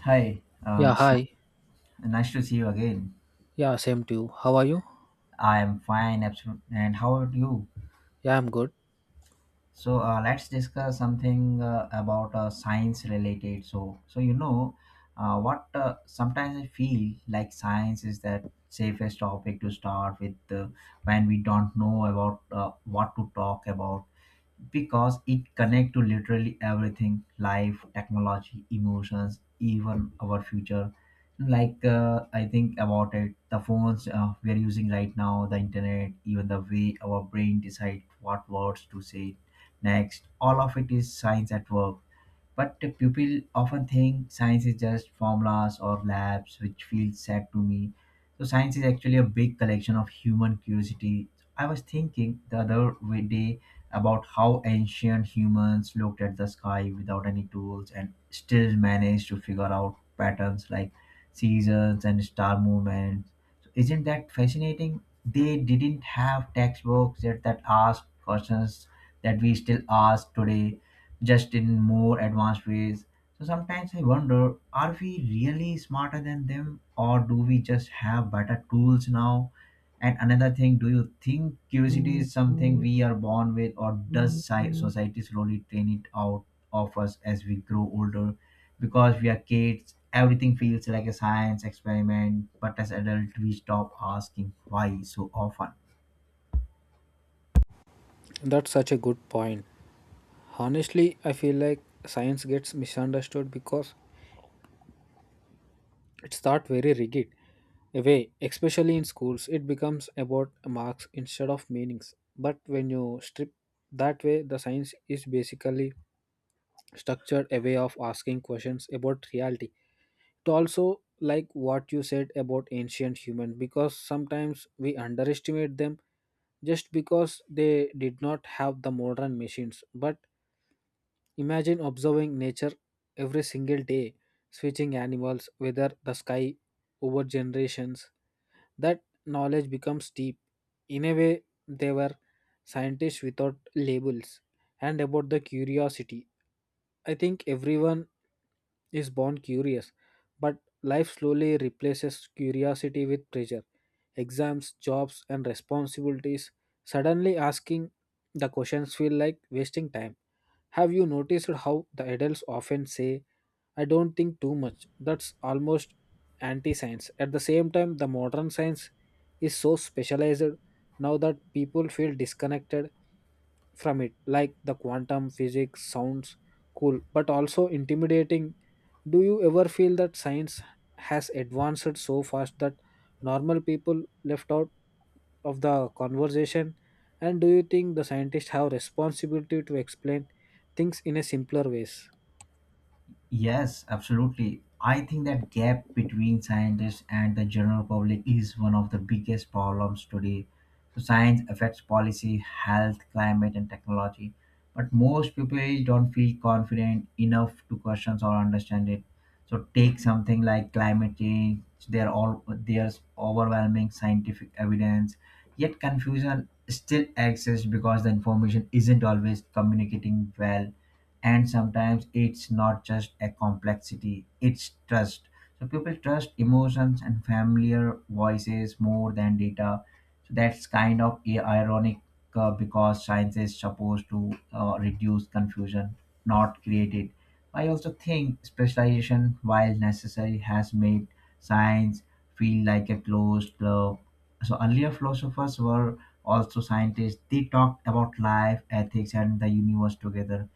Hi, Yeah, it's hi. Nice to see you again. Yeah, same to you. How are you? I am fine, absolutely. And how are you? Yeah, I'm good. So let's discuss something about science related. What Sometimes I feel like science is that safest topic to start with, when we don't know about what to talk about, because it connects to literally everything: life, technology, emotions, even our future. Like, I think about it: the phones we are using right now, the internet, even the way our brain decide what words to say next. All of it is science at work. But the people often think science is just formulas or labs, which feels sad to me. So science is actually a big collection of human curiosity. I was thinking the day about how ancient humans looked at the sky without any tools and still managed to figure out patterns like seasons and star movements. So isn't that fascinating? They didn't have textbooks, yet that asked questions that we still ask today, just in more advanced ways. So sometimes I wonder, are we really smarter than them, or do we just have better tools now? And another thing, do you think curiosity is something we are born with, or does society slowly train it out of us as we grow older? Because we are kids, everything feels like a science experiment, but as adults, we stop asking why so often. That's such a good point. Honestly, I feel like science gets misunderstood because it's not very rigid. Away, especially in schools, it becomes about marks instead of meanings. But when you strip that way, the science is basically structured a way of asking questions about reality. It also like what you said about ancient humans because sometimes we underestimate them just because they did not have the modern machines. But imagine observing nature every single day, switching animals, weather, the sky, over generations. That knowledge becomes deep. In a way, they were scientists without labels. And about the curiosity, I think everyone is born curious, but life slowly replaces curiosity with pressure. Exams, jobs, and responsibilities. Suddenly asking the questions feel like wasting time. Have you noticed how the adults often say, I don't think too much? That's almost anti science. At the same time, the modern science is so specialized now that people feel disconnected from it, like the quantum physics sounds cool but also intimidating. Do you ever feel that science has advanced so fast that normal people left out of the conversation, and do you think the scientists have responsibility to explain things in a simpler ways? Yes, absolutely. I think that gap between scientists and the general public is one of the biggest problems today. So science affects policy, health, climate, and technology, but most people don't feel confident enough to question or understand it. So take something like climate change. There's overwhelming scientific evidence, yet confusion still exists because the information isn't always communicating well. And sometimes it's not just a complexity, it's trust. So people trust emotions and familiar voices more than data. So that's kind of ironic, because science is supposed to reduce confusion, not create it. I also think specialization, while necessary, has made science feel like a closed club. So earlier philosophers were also scientists. They talked about life, ethics, and the universe together.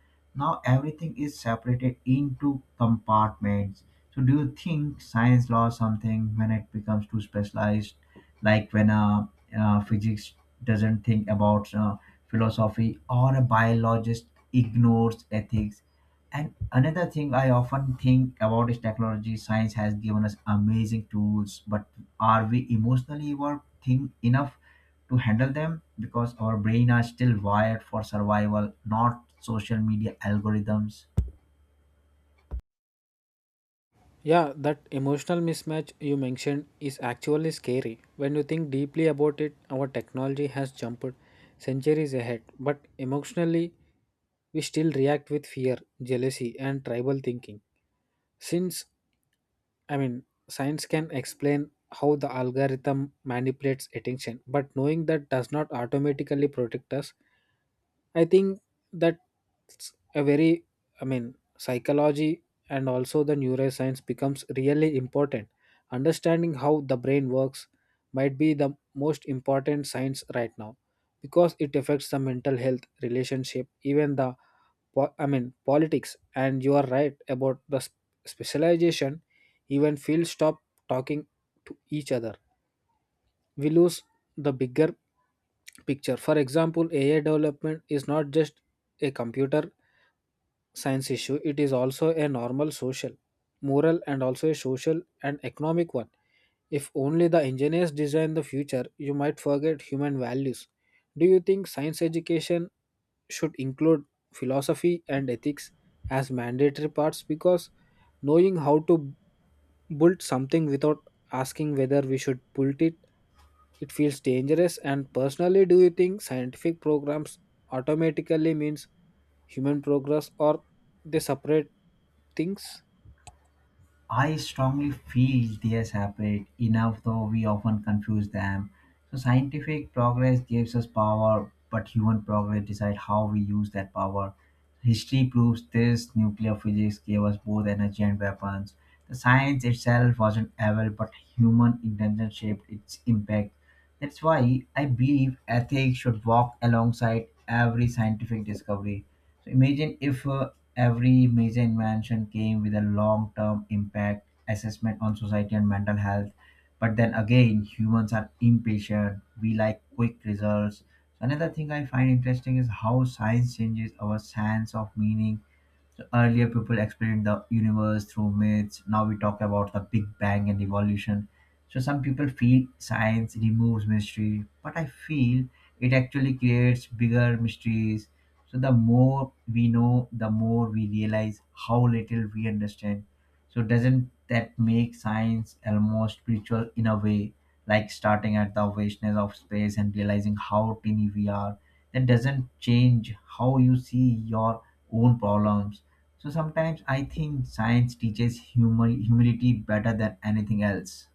Now everything is separated into compartments. So do you think science law something when it becomes too specialized, like when uh, physics doesn't think about philosophy, or a biologist ignores ethics? And another thing I often think about is technology. Science has given us amazing tools, but are we emotionally evolved thing enough to handle them? Because our brain are still wired for survival, not social media algorithms. Yeah, that emotional mismatch you mentioned is actually scary. When you think deeply about it, our technology has jumped centuries ahead, but emotionally we still react with fear, jealousy, and tribal thinking. Since, science can explain how the algorithm manipulates attention, but knowing that does not automatically protect us. I think that's a very, psychology and also the neuroscience becomes really important. Understanding how the brain works might be the most important science right now because it affects the mental health, relationship, even the politics. And you are right about the specialization. Even fields stop talking to each other, we lose the bigger picture. For example, AI development is not just a computer science issue, it is also a normal social, moral, and also a social and economic one. If only the engineers design the future, you might forget human values. Do you think science education should include philosophy and ethics as mandatory parts? Because knowing how to build something without asking whether we should build it, it feels dangerous. And personally, do you think scientific programs automatically means human progress, or they separate things? I strongly feel they are separate enough, though we often confuse them. So, scientific progress gives us power, but human progress decides how we use that power. History proves this: nuclear physics gave us both energy and weapons. The science itself wasn't evil, but human intention shaped its impact. That's why I believe ethics should walk alongside every scientific discovery. So imagine if, every major invention came with a long term impact assessment on society and mental health. But then again, humans are impatient, we like quick results. Another thing I find interesting is how science changes our sense of meaning. So earlier people explained the universe through myths. Now we talk about the Big Bang and evolution. So some people feel science removes mystery, but I feel it actually creates bigger mysteries. So the more we know, the more we realize how little we understand. So doesn't that make science almost spiritual in a way, like starting at the vastness of space and realizing how tiny we are? That doesn't change how you see your own problems. So sometimes I think science teaches humor, humility, better than anything else.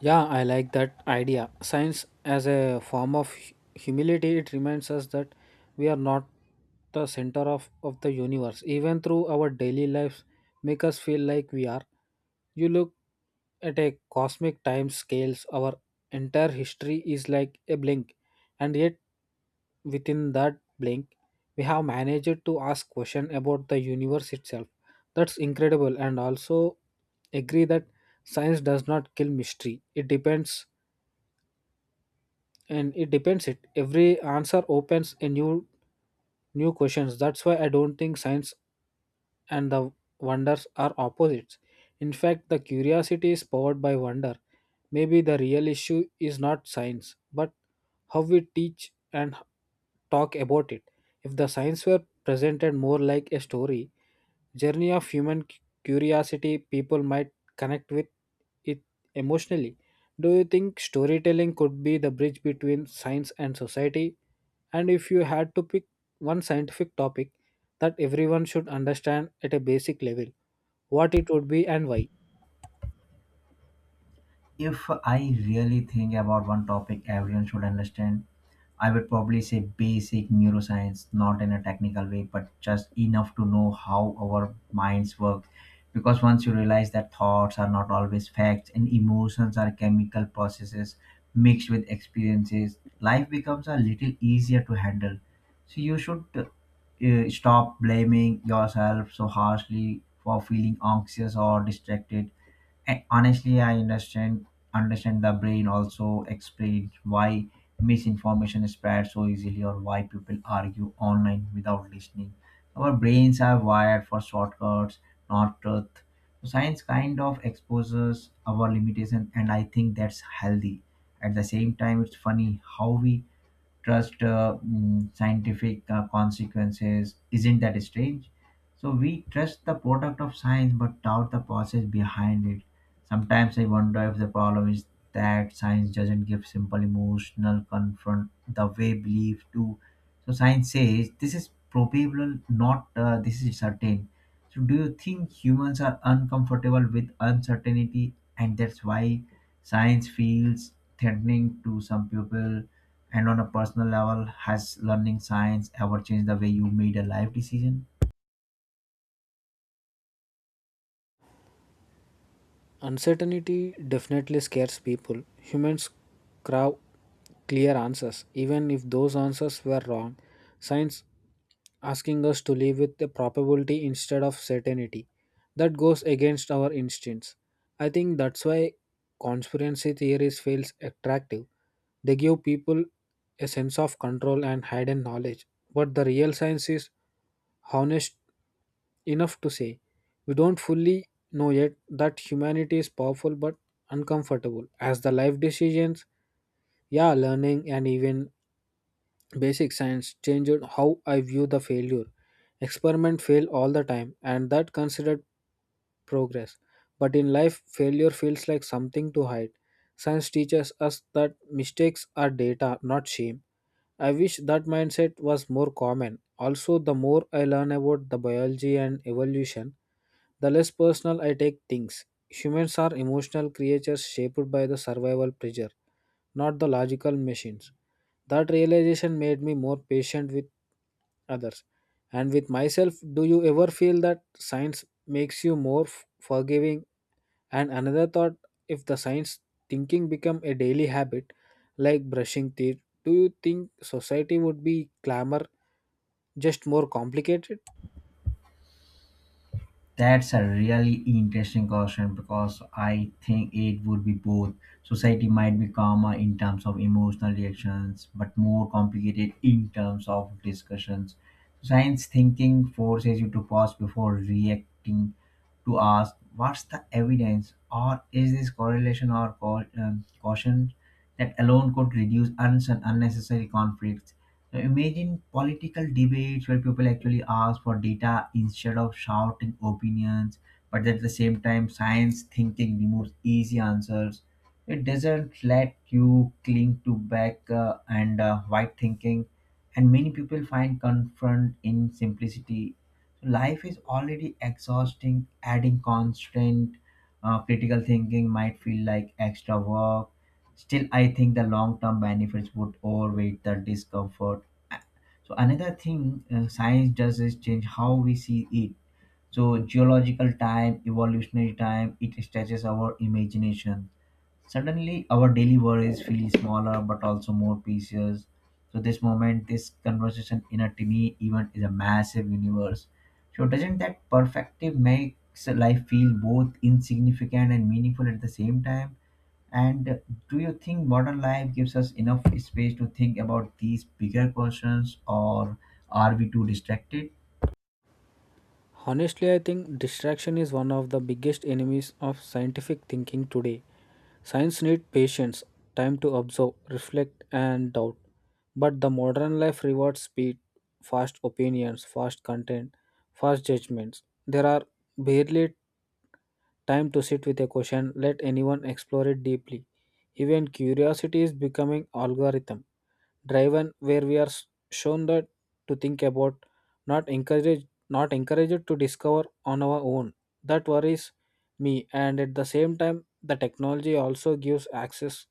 Yeah, I like that idea. Science as a form of humility, it reminds us that we are not the center of the universe. Even through our daily lives, make us feel like we are, you look at a cosmic time scales, our entire history is like a blink, and yet within that blink we have managed to ask question about the universe itself. That's incredible. And also agree that science does not kill mystery, it depends. And it depends, it every answer opens a new questions. That's why I don't think science and the wonders are opposites. In fact, the curiosity is powered by wonder. Maybe the real issue is not science, but how we teach and talk about it. If the science were presented more like a story, journey of human curiosity, people might connect with it emotionally. Do you think storytelling could be the bridge between science and society? And if you had to pick one scientific topic that everyone should understand at a basic level, what it would be and why? If I really think about one topic everyone should understand, I would probably say basic neuroscience, not in a technical way, but just enough to know how our minds work. Because once you realize that thoughts are not always facts and emotions are chemical processes mixed with experiences, life becomes a little easier to handle. So you should stop blaming yourself so harshly for feeling anxious or distracted. And honestly, I understand the brain also explains why misinformation spreads so easily, or why people argue online without listening. Our brains are wired for shortcuts, not truth. So science kind of exposes our limitation, and I think that's healthy. At the same time, it's funny how we trust, scientific consequences. Isn't that strange? So we trust the product of science but doubt the process behind it. Sometimes I wonder if the problem is that science doesn't give simple emotional confront the way belief do. So science says this is probable, not this is certain. So do you think humans are uncomfortable with uncertainty, and that's why science feels threatening to some people? And on a personal level, has learning science ever changed the way you made a life decision? Uncertainty definitely scares people. Humans crave clear answers, even if those answers were wrong. Science asking us to live with the probability instead of certainty. That goes against our instincts. I think that's why conspiracy theories feels attractive. They give people a sense of control and hidden knowledge. But the real science is honest enough to say, we don't fully know yet, that humanity is powerful but uncomfortable. As the life decisions, yeah, learning, and even basic science changed how I view the failure. Experiment fail all the time, and that considered progress. But in life, failure feels like something to hide. Science teaches us that mistakes are data, not shame. I wish that mindset was more common. Also, the more I learn about the biology and evolution, the less personal I take things. Humans are emotional creatures shaped by the survival pressure, not the logical machines. That realization made me more patient with others and with myself. Do you ever feel that science makes you more forgiving? And another thought, if the science thinking become a daily habit, like brushing teeth, do you think society would be clamor, just more complicated? That's a really interesting question, because I think it would be both. Society might be calmer in terms of emotional reactions, but more complicated in terms of discussions. Science thinking forces you to pause before reacting, to ask what's the evidence, or is this correlation or caution? That alone could reduce unnecessary conflicts. Now, imagine political debates where people actually ask for data instead of shouting opinions. But at the same time, science thinking removes easy answers. It doesn't let you cling to back and white thinking, and many people find comfort in simplicity. So life is already exhausting. Adding constant critical thinking might feel like extra work. Still, I think the long term benefits would outweigh the discomfort. So another thing science does is change how we see it. So geological time, evolutionary time, it stretches our imagination. Suddenly our daily worries feel smaller, but also more precious. So this moment, this conversation in a tiny event, is a massive universe. So doesn't that perspective makes life feel both insignificant and meaningful at the same time? And do you think modern life gives us enough space to think about these bigger questions, or are we too distracted? Honestly, I think distraction is one of the biggest enemies of scientific thinking today. Science needs patience, time to observe, reflect, and doubt. But the modern life rewards speed, fast opinions, fast content, fast judgments. There are barely time to sit with a question, let anyone explore it deeply. Even curiosity is becoming algorithm driven, where we are shown that to think about, not encouraged, not encouraged to discover on our own. That worries me. And at the same time, the technology also gives access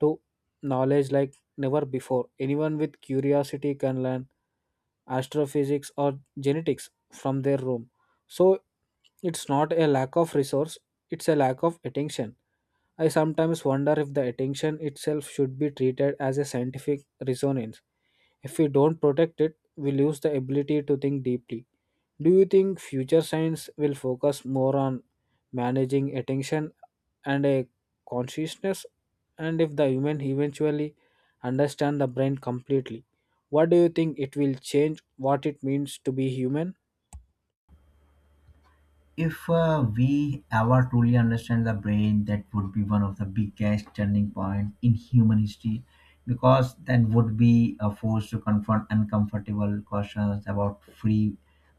to knowledge like never before. Anyone with curiosity can learn astrophysics or genetics from their room. So it's not a lack of resource, it's a lack of attention. I sometimes wonder if the attention itself should be treated as a scientific resonance. If we don't protect it, we lose the ability to think deeply. Do you think future science will focus more on managing attention and a consciousness? And if the human eventually understand the brain completely, what do you think it will change what it means to be human? If, we ever truly understand the brain, that would be one of the biggest turning point in human history, because then would be forced to confront uncomfortable questions about free,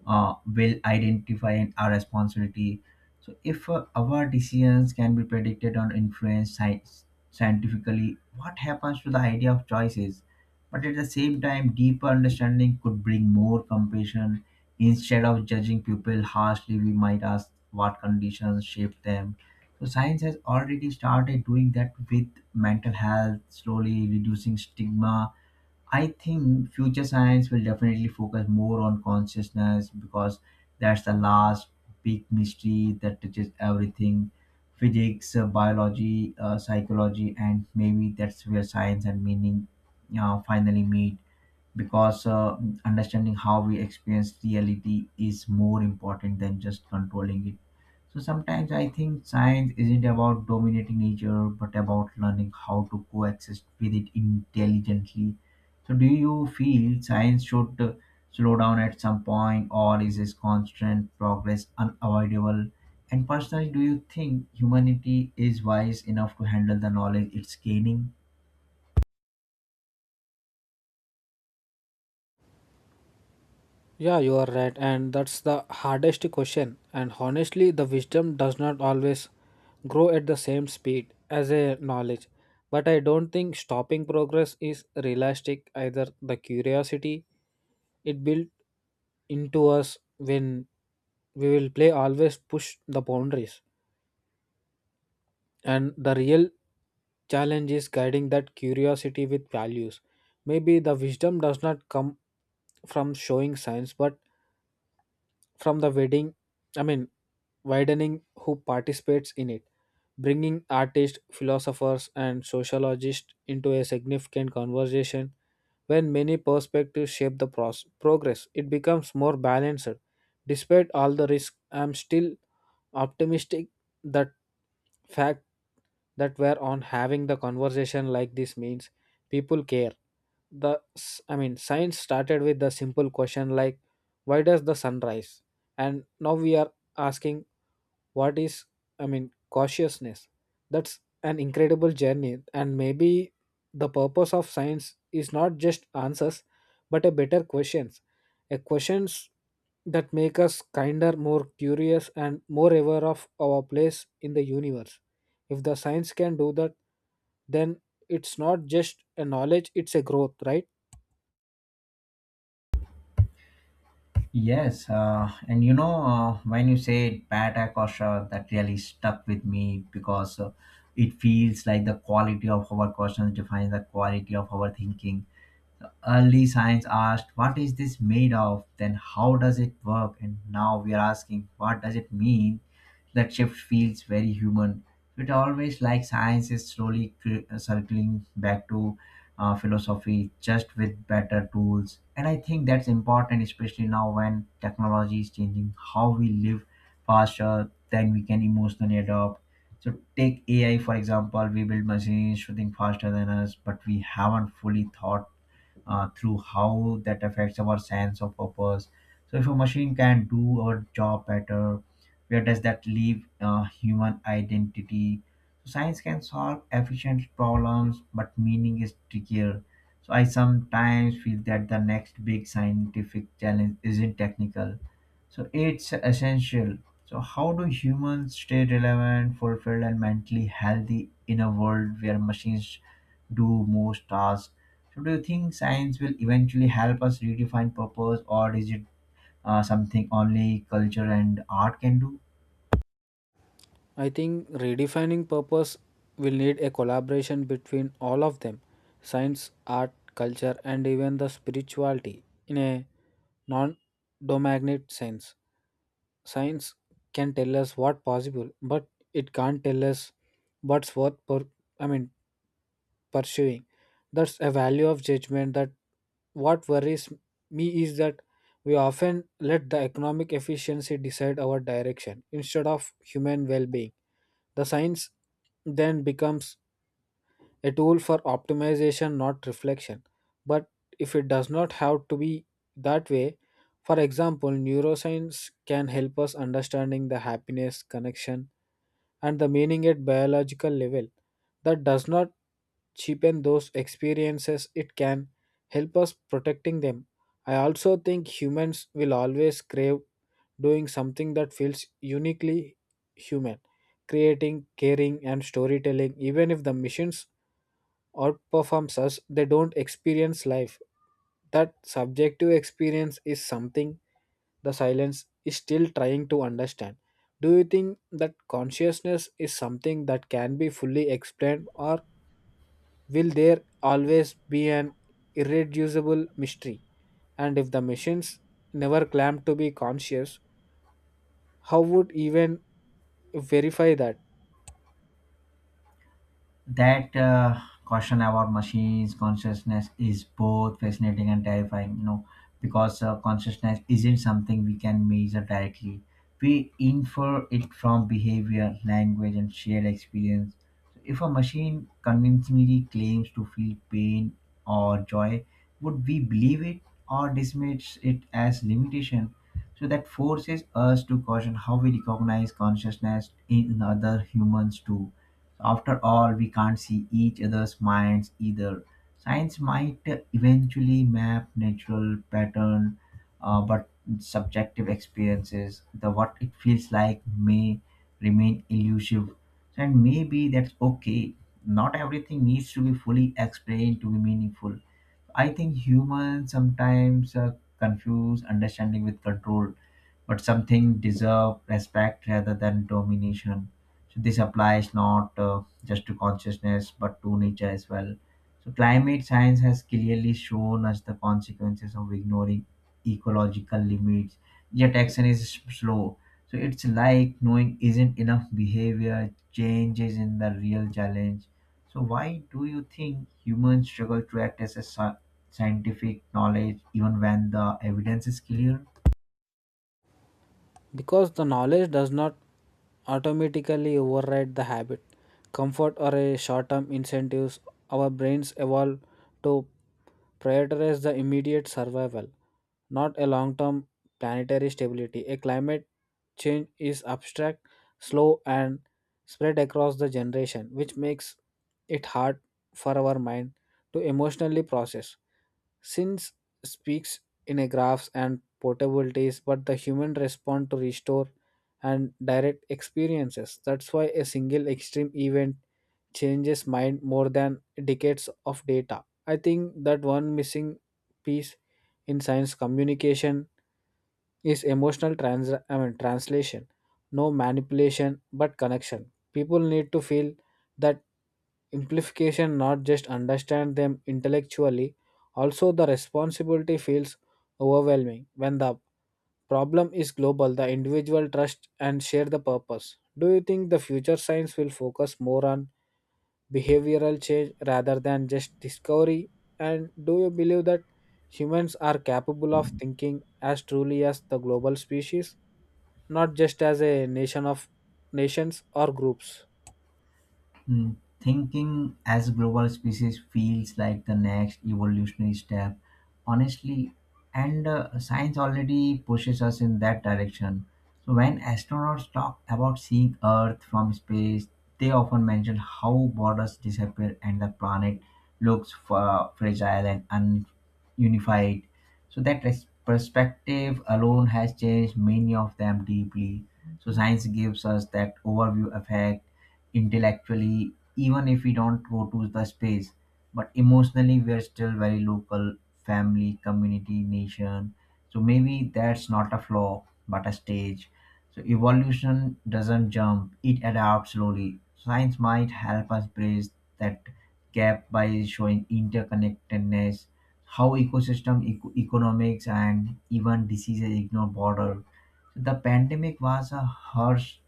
will identify and our responsibility. So if, our decisions can be predicted or influenced scientifically, what happens to the idea of choices? But at the same time, deeper understanding could bring more compassion. Instead of judging people harshly, we might ask what conditions shaped them. So science has already started doing that with mental health, slowly reducing stigma. I think future science will definitely focus more on consciousness, because that's the last big mystery that touches everything: physics, biology, psychology. And maybe that's where science and meaning finally meet, because understanding how we experience reality is more important than just controlling it. So sometimes I think science isn't about dominating nature, but about learning how to coexist with it intelligently. So do you feel science should slow down at some point, or is this constant progress unavoidable? And personally, do you think humanity is wise enough to handle the knowledge it's gaining? Yeah, you are right, and that's the hardest question. And honestly, the wisdom does not always grow at the same speed as a knowledge. But I don't think stopping progress is realistic either. The curiosity it built into us, when we will play, always push the boundaries. And the real challenge is guiding that curiosity with values. Maybe the wisdom does not come from showing signs, but from the wedding I mean widening who participates in it, bringing artists, philosophers, and sociologists into a significant conversation. When many perspectives shape the progress, it becomes more balanced. Despite all the risk, I'm still optimistic that fact that we're on having the conversation like this means people care. The science started with the simple question like, why does the sun rise? And now we are asking, what is, cautiousness. That's an incredible journey. And maybe the purpose of science is not just answers, but a better questions, a questions that make us kinder, more curious, and more aware of our place in the universe. If the science can do that, then it's not just a knowledge, it's a growth, right? Yes, and you know, when you said bad Akosha, that really stuck with me, because it feels like the quality of our questions defines the quality of our thinking. Early science asked, "What is this made of?" Then, "How does it work?" And now we are asking, "What does it mean?" That shift feels very human. It always like science is slowly circling back to philosophy, just with better tools. And I think that's important, especially now when technology is changing how we live faster than we can emotionally adopt. So take AI for example. We build machines shooting faster than us, but we haven't fully thought through how that affects our sense of purpose. So, if a machine can do our job better, where does that leave human identity? So, science can solve efficient problems, but meaning is trickier. So, I sometimes feel that the next big scientific challenge isn't technical. So, it's essential. So, how do humans stay relevant, fulfilled, and mentally healthy in a world where machines do most tasks? So, do you think science will eventually help us redefine purpose, or is it something only culture and art can do? I think redefining purpose will need a collaboration between all of them, science, art, culture, and even the spirituality in a non domagnet sense. Science can tell us what possible, but it can't tell us what's worth per I mean pursuing. That's a value of judgment. That what worries me is that we often let the economic efficiency decide our direction instead of human well-being. The science then becomes a tool for optimization, not reflection. But if it does not have to be that way, for example, neuroscience can help us understanding the happiness connection and the meaning at biological level. That does not cheapen those experiences, it can help us protecting them. I also think humans will always crave doing something that feels uniquely human, creating, caring, and storytelling. Even if the machines outperforms us, they don't experience life. That subjective experience is something the silence is still trying to understand. Do you think that consciousness is something that can be fully explained, or will there always be an irreducible mystery? And if the machines never claim to be conscious, how would even verify that? That caution about machines consciousness is both fascinating and terrifying, you know, because consciousness isn't something we can measure directly. We infer it from behavior, language, and shared experience. So if a machine convincingly claims to feel pain or joy, would we believe it or dismiss it as limitation? So that forces us to caution how we recognize consciousness in other humans too. After all, we can't see each other's minds either. Science might eventually map natural pattern, but subjective experiences, the what it feels like, may remain elusive. And maybe that's okay. Not everything needs to be fully explained to be meaningful. I think humans sometimes confuse understanding with control, but something deserve respect rather than domination. So this applies not just to consciousness but to nature as well. So climate science has clearly shown us the consequences of ignoring ecological limits. Yet action is slow. So it's like knowing isn't enough. Behavior changes in the real challenge. So why do you think humans struggle to act as a scientific knowledge even when the evidence is clear? Because the knowledge does not automatically override the habit, comfort, or a short-term incentives. Our brains evolve to prioritize the immediate survival, not a long-term planetary stability. A climate change is abstract, slow, and spread across the generation, which makes it hard for our mind to emotionally process. Since speaks in a graphs and portabilities, but the human respond to restore and direct experiences. That's why a single extreme event changes mind more than decades of data. I think that one missing piece in science communication is emotional translation, no manipulation but connection. People need to feel that implication, not just understand them intellectually. Also, the responsibility feels overwhelming. When the problem is global, the individual trust and share the purpose. Do you think the future science will focus more on behavioral change rather than just discovery? And do you believe that humans are capable of thinking as truly as the global species, not just as a nation of nations or groups? Hmm. Thinking as a global species feels like the next evolutionary step, honestly, and science already pushes us in that direction. So, when astronauts talk about seeing Earth from space, they often mention how borders disappear and the planet looks fragile and ununified. So, perspective alone has changed many of them deeply. So, science gives us that overview effect intellectually, even if we don't go to the space, but emotionally, we are still very local: family, community, nation. So maybe that's not a flaw, but a stage. So evolution doesn't jump, it adapts slowly. Science might help us bridge that gap by showing interconnectedness, how ecosystem, economics, and even diseases ignore border. The pandemic was a harsh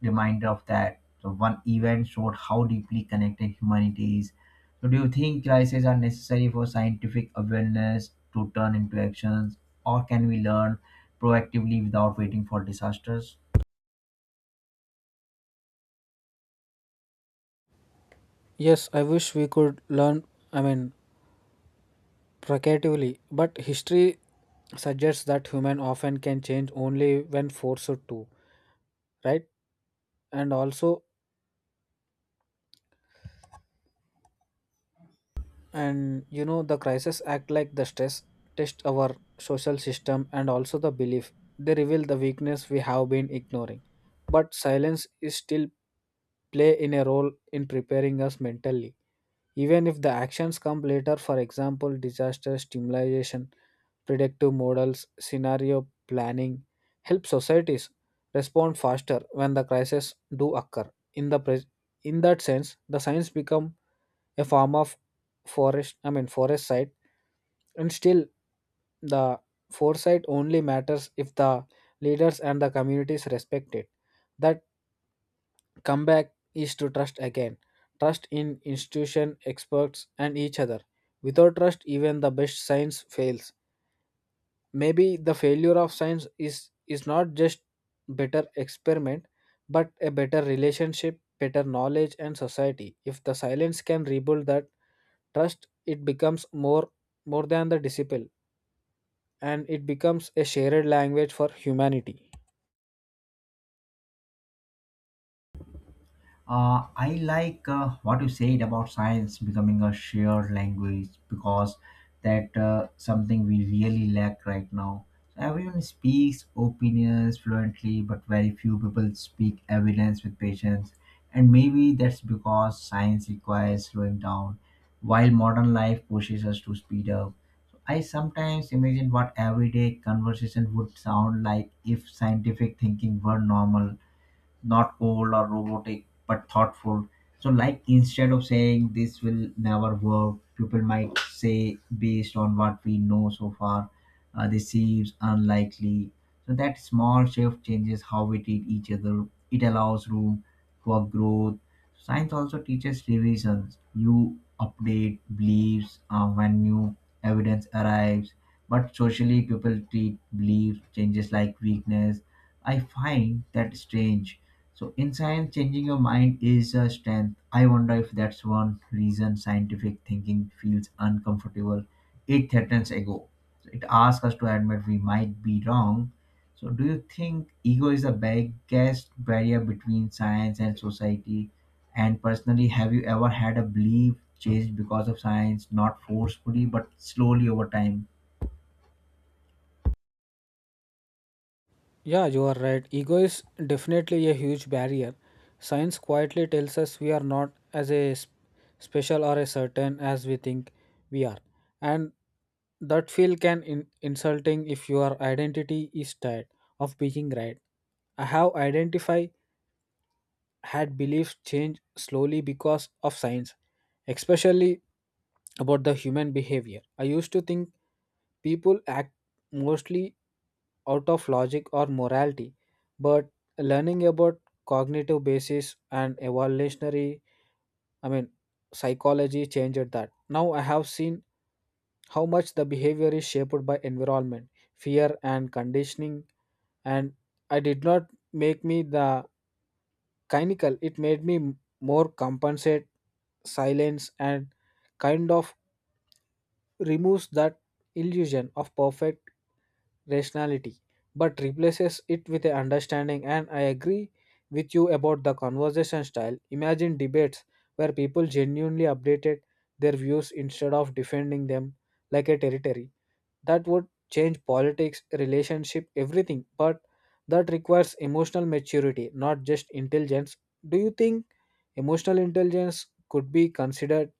reminder of that. So one event showed how deeply connected humanity is. So do you think crises are necessary for scientific awareness to turn into actions, or can we learn proactively without waiting for disasters? Yes, I wish we could learn, I mean, provocatively, but history suggests that human often can change only when forced to, right? And also, and you know the crisis act like the stress test our social system and also the belief, they reveal the weakness we have been ignoring. But silence is still play in a role in preparing us mentally, even if the actions come later. For example, disaster stimulation, predictive models, scenario planning, help societies respond faster when the crises do occur in the pres. In that sense, the science become a form of forest I mean forest site and still, the foresight only matters if the leaders and the communities respect it. That comeback is to trust again, trust in institution, experts, and each other. Without trust, even the best science fails. Maybe the failure of science is not just better experiment, but a better relationship, better knowledge and society. If the silence can rebuild that trust, it becomes more than the disciple, and it becomes a shared language for humanity. I like what you said about science becoming a shared language because that something we really lack right now. So everyone speaks opinions fluently, but very few people speak evidence with patience. And maybe that's because science requires slowing down, while modern life pushes us to speed up. So I sometimes imagine what everyday conversation would sound like if scientific thinking were normal, not cold or robotic but thoughtful. So like, instead of saying this will never work, people might say based on what we know so far, this seems unlikely. So that small shift changes how we treat each other. It allows room for growth. Science also teaches revisions. You update beliefs when new evidence arrives, but socially people treat belief changes like weakness. I find that strange. So in science, changing your mind is a strength. I wonder if that's one reason scientific thinking feels uncomfortable. It threatens ego. So, it asks us to admit we might be wrong. So do you think ego is the biggest barrier between science and society? And personally, have you ever had a belief changed because of science, not forcefully but slowly over time? Yeah, you are right. Ego is definitely a huge barrier. Science quietly tells us we are not as a special or a certain as we think we are. And that feel can insulting if your identity is tired of being right. I have identified had beliefs changed slowly because of science, especially about the human behavior. I used to think people act mostly out of logic or morality, but learning about cognitive basis and evolutionary, I mean, psychology changed that. Now I have seen how much the behavior is shaped by environment, fear, and conditioning, and I did not make me the cynical, it made me more compensate silence, and kind of removes that illusion of perfect rationality, but replaces it with a understanding. And I agree with you about the conversation style. Imagine debates where people genuinely updated their views instead of defending them like a territory. That would change politics, relationship, everything. But that requires emotional maturity, not just intelligence. Do you think emotional intelligence could be considered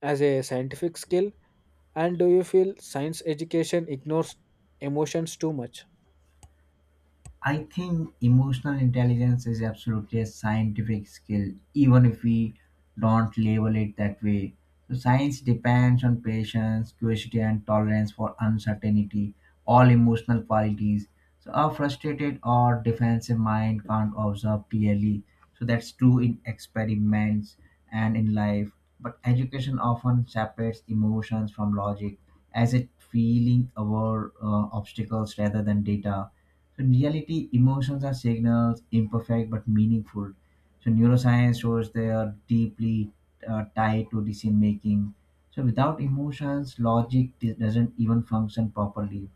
as a scientific skill, and do you feel science education ignores emotions too much? I think emotional intelligence is absolutely a scientific skill, even if we don't label it that way. So, science depends on patience, curiosity, and tolerance for uncertainty, all emotional qualities. So, a frustrated or defensive mind can't observe clearly. So, that's true in experiments and in life. But education often separates emotions from logic, as it feeling over obstacles rather than data. So in reality, emotions are signals, imperfect but meaningful. So neuroscience shows they are deeply tied to decision making. So without emotions, logic doesn't even function properly.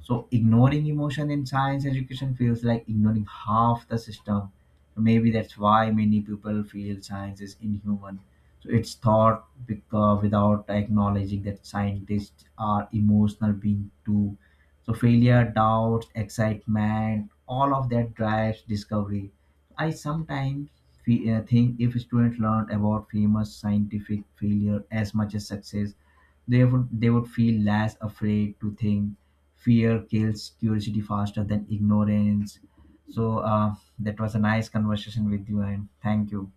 So ignoring emotion in science education feels like ignoring half the system. Maybe that's why many people feel science is inhuman. So it's thought, because without acknowledging that scientists are emotional being too. So failure, doubts, excitement, all of that drives discovery. I sometimes think if students learned about famous scientific failure as much as success, they would feel less afraid to think. Fear kills curiosity faster than ignorance. So that was a nice conversation with you, and thank you.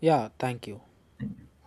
Yeah, thank you. Thank you.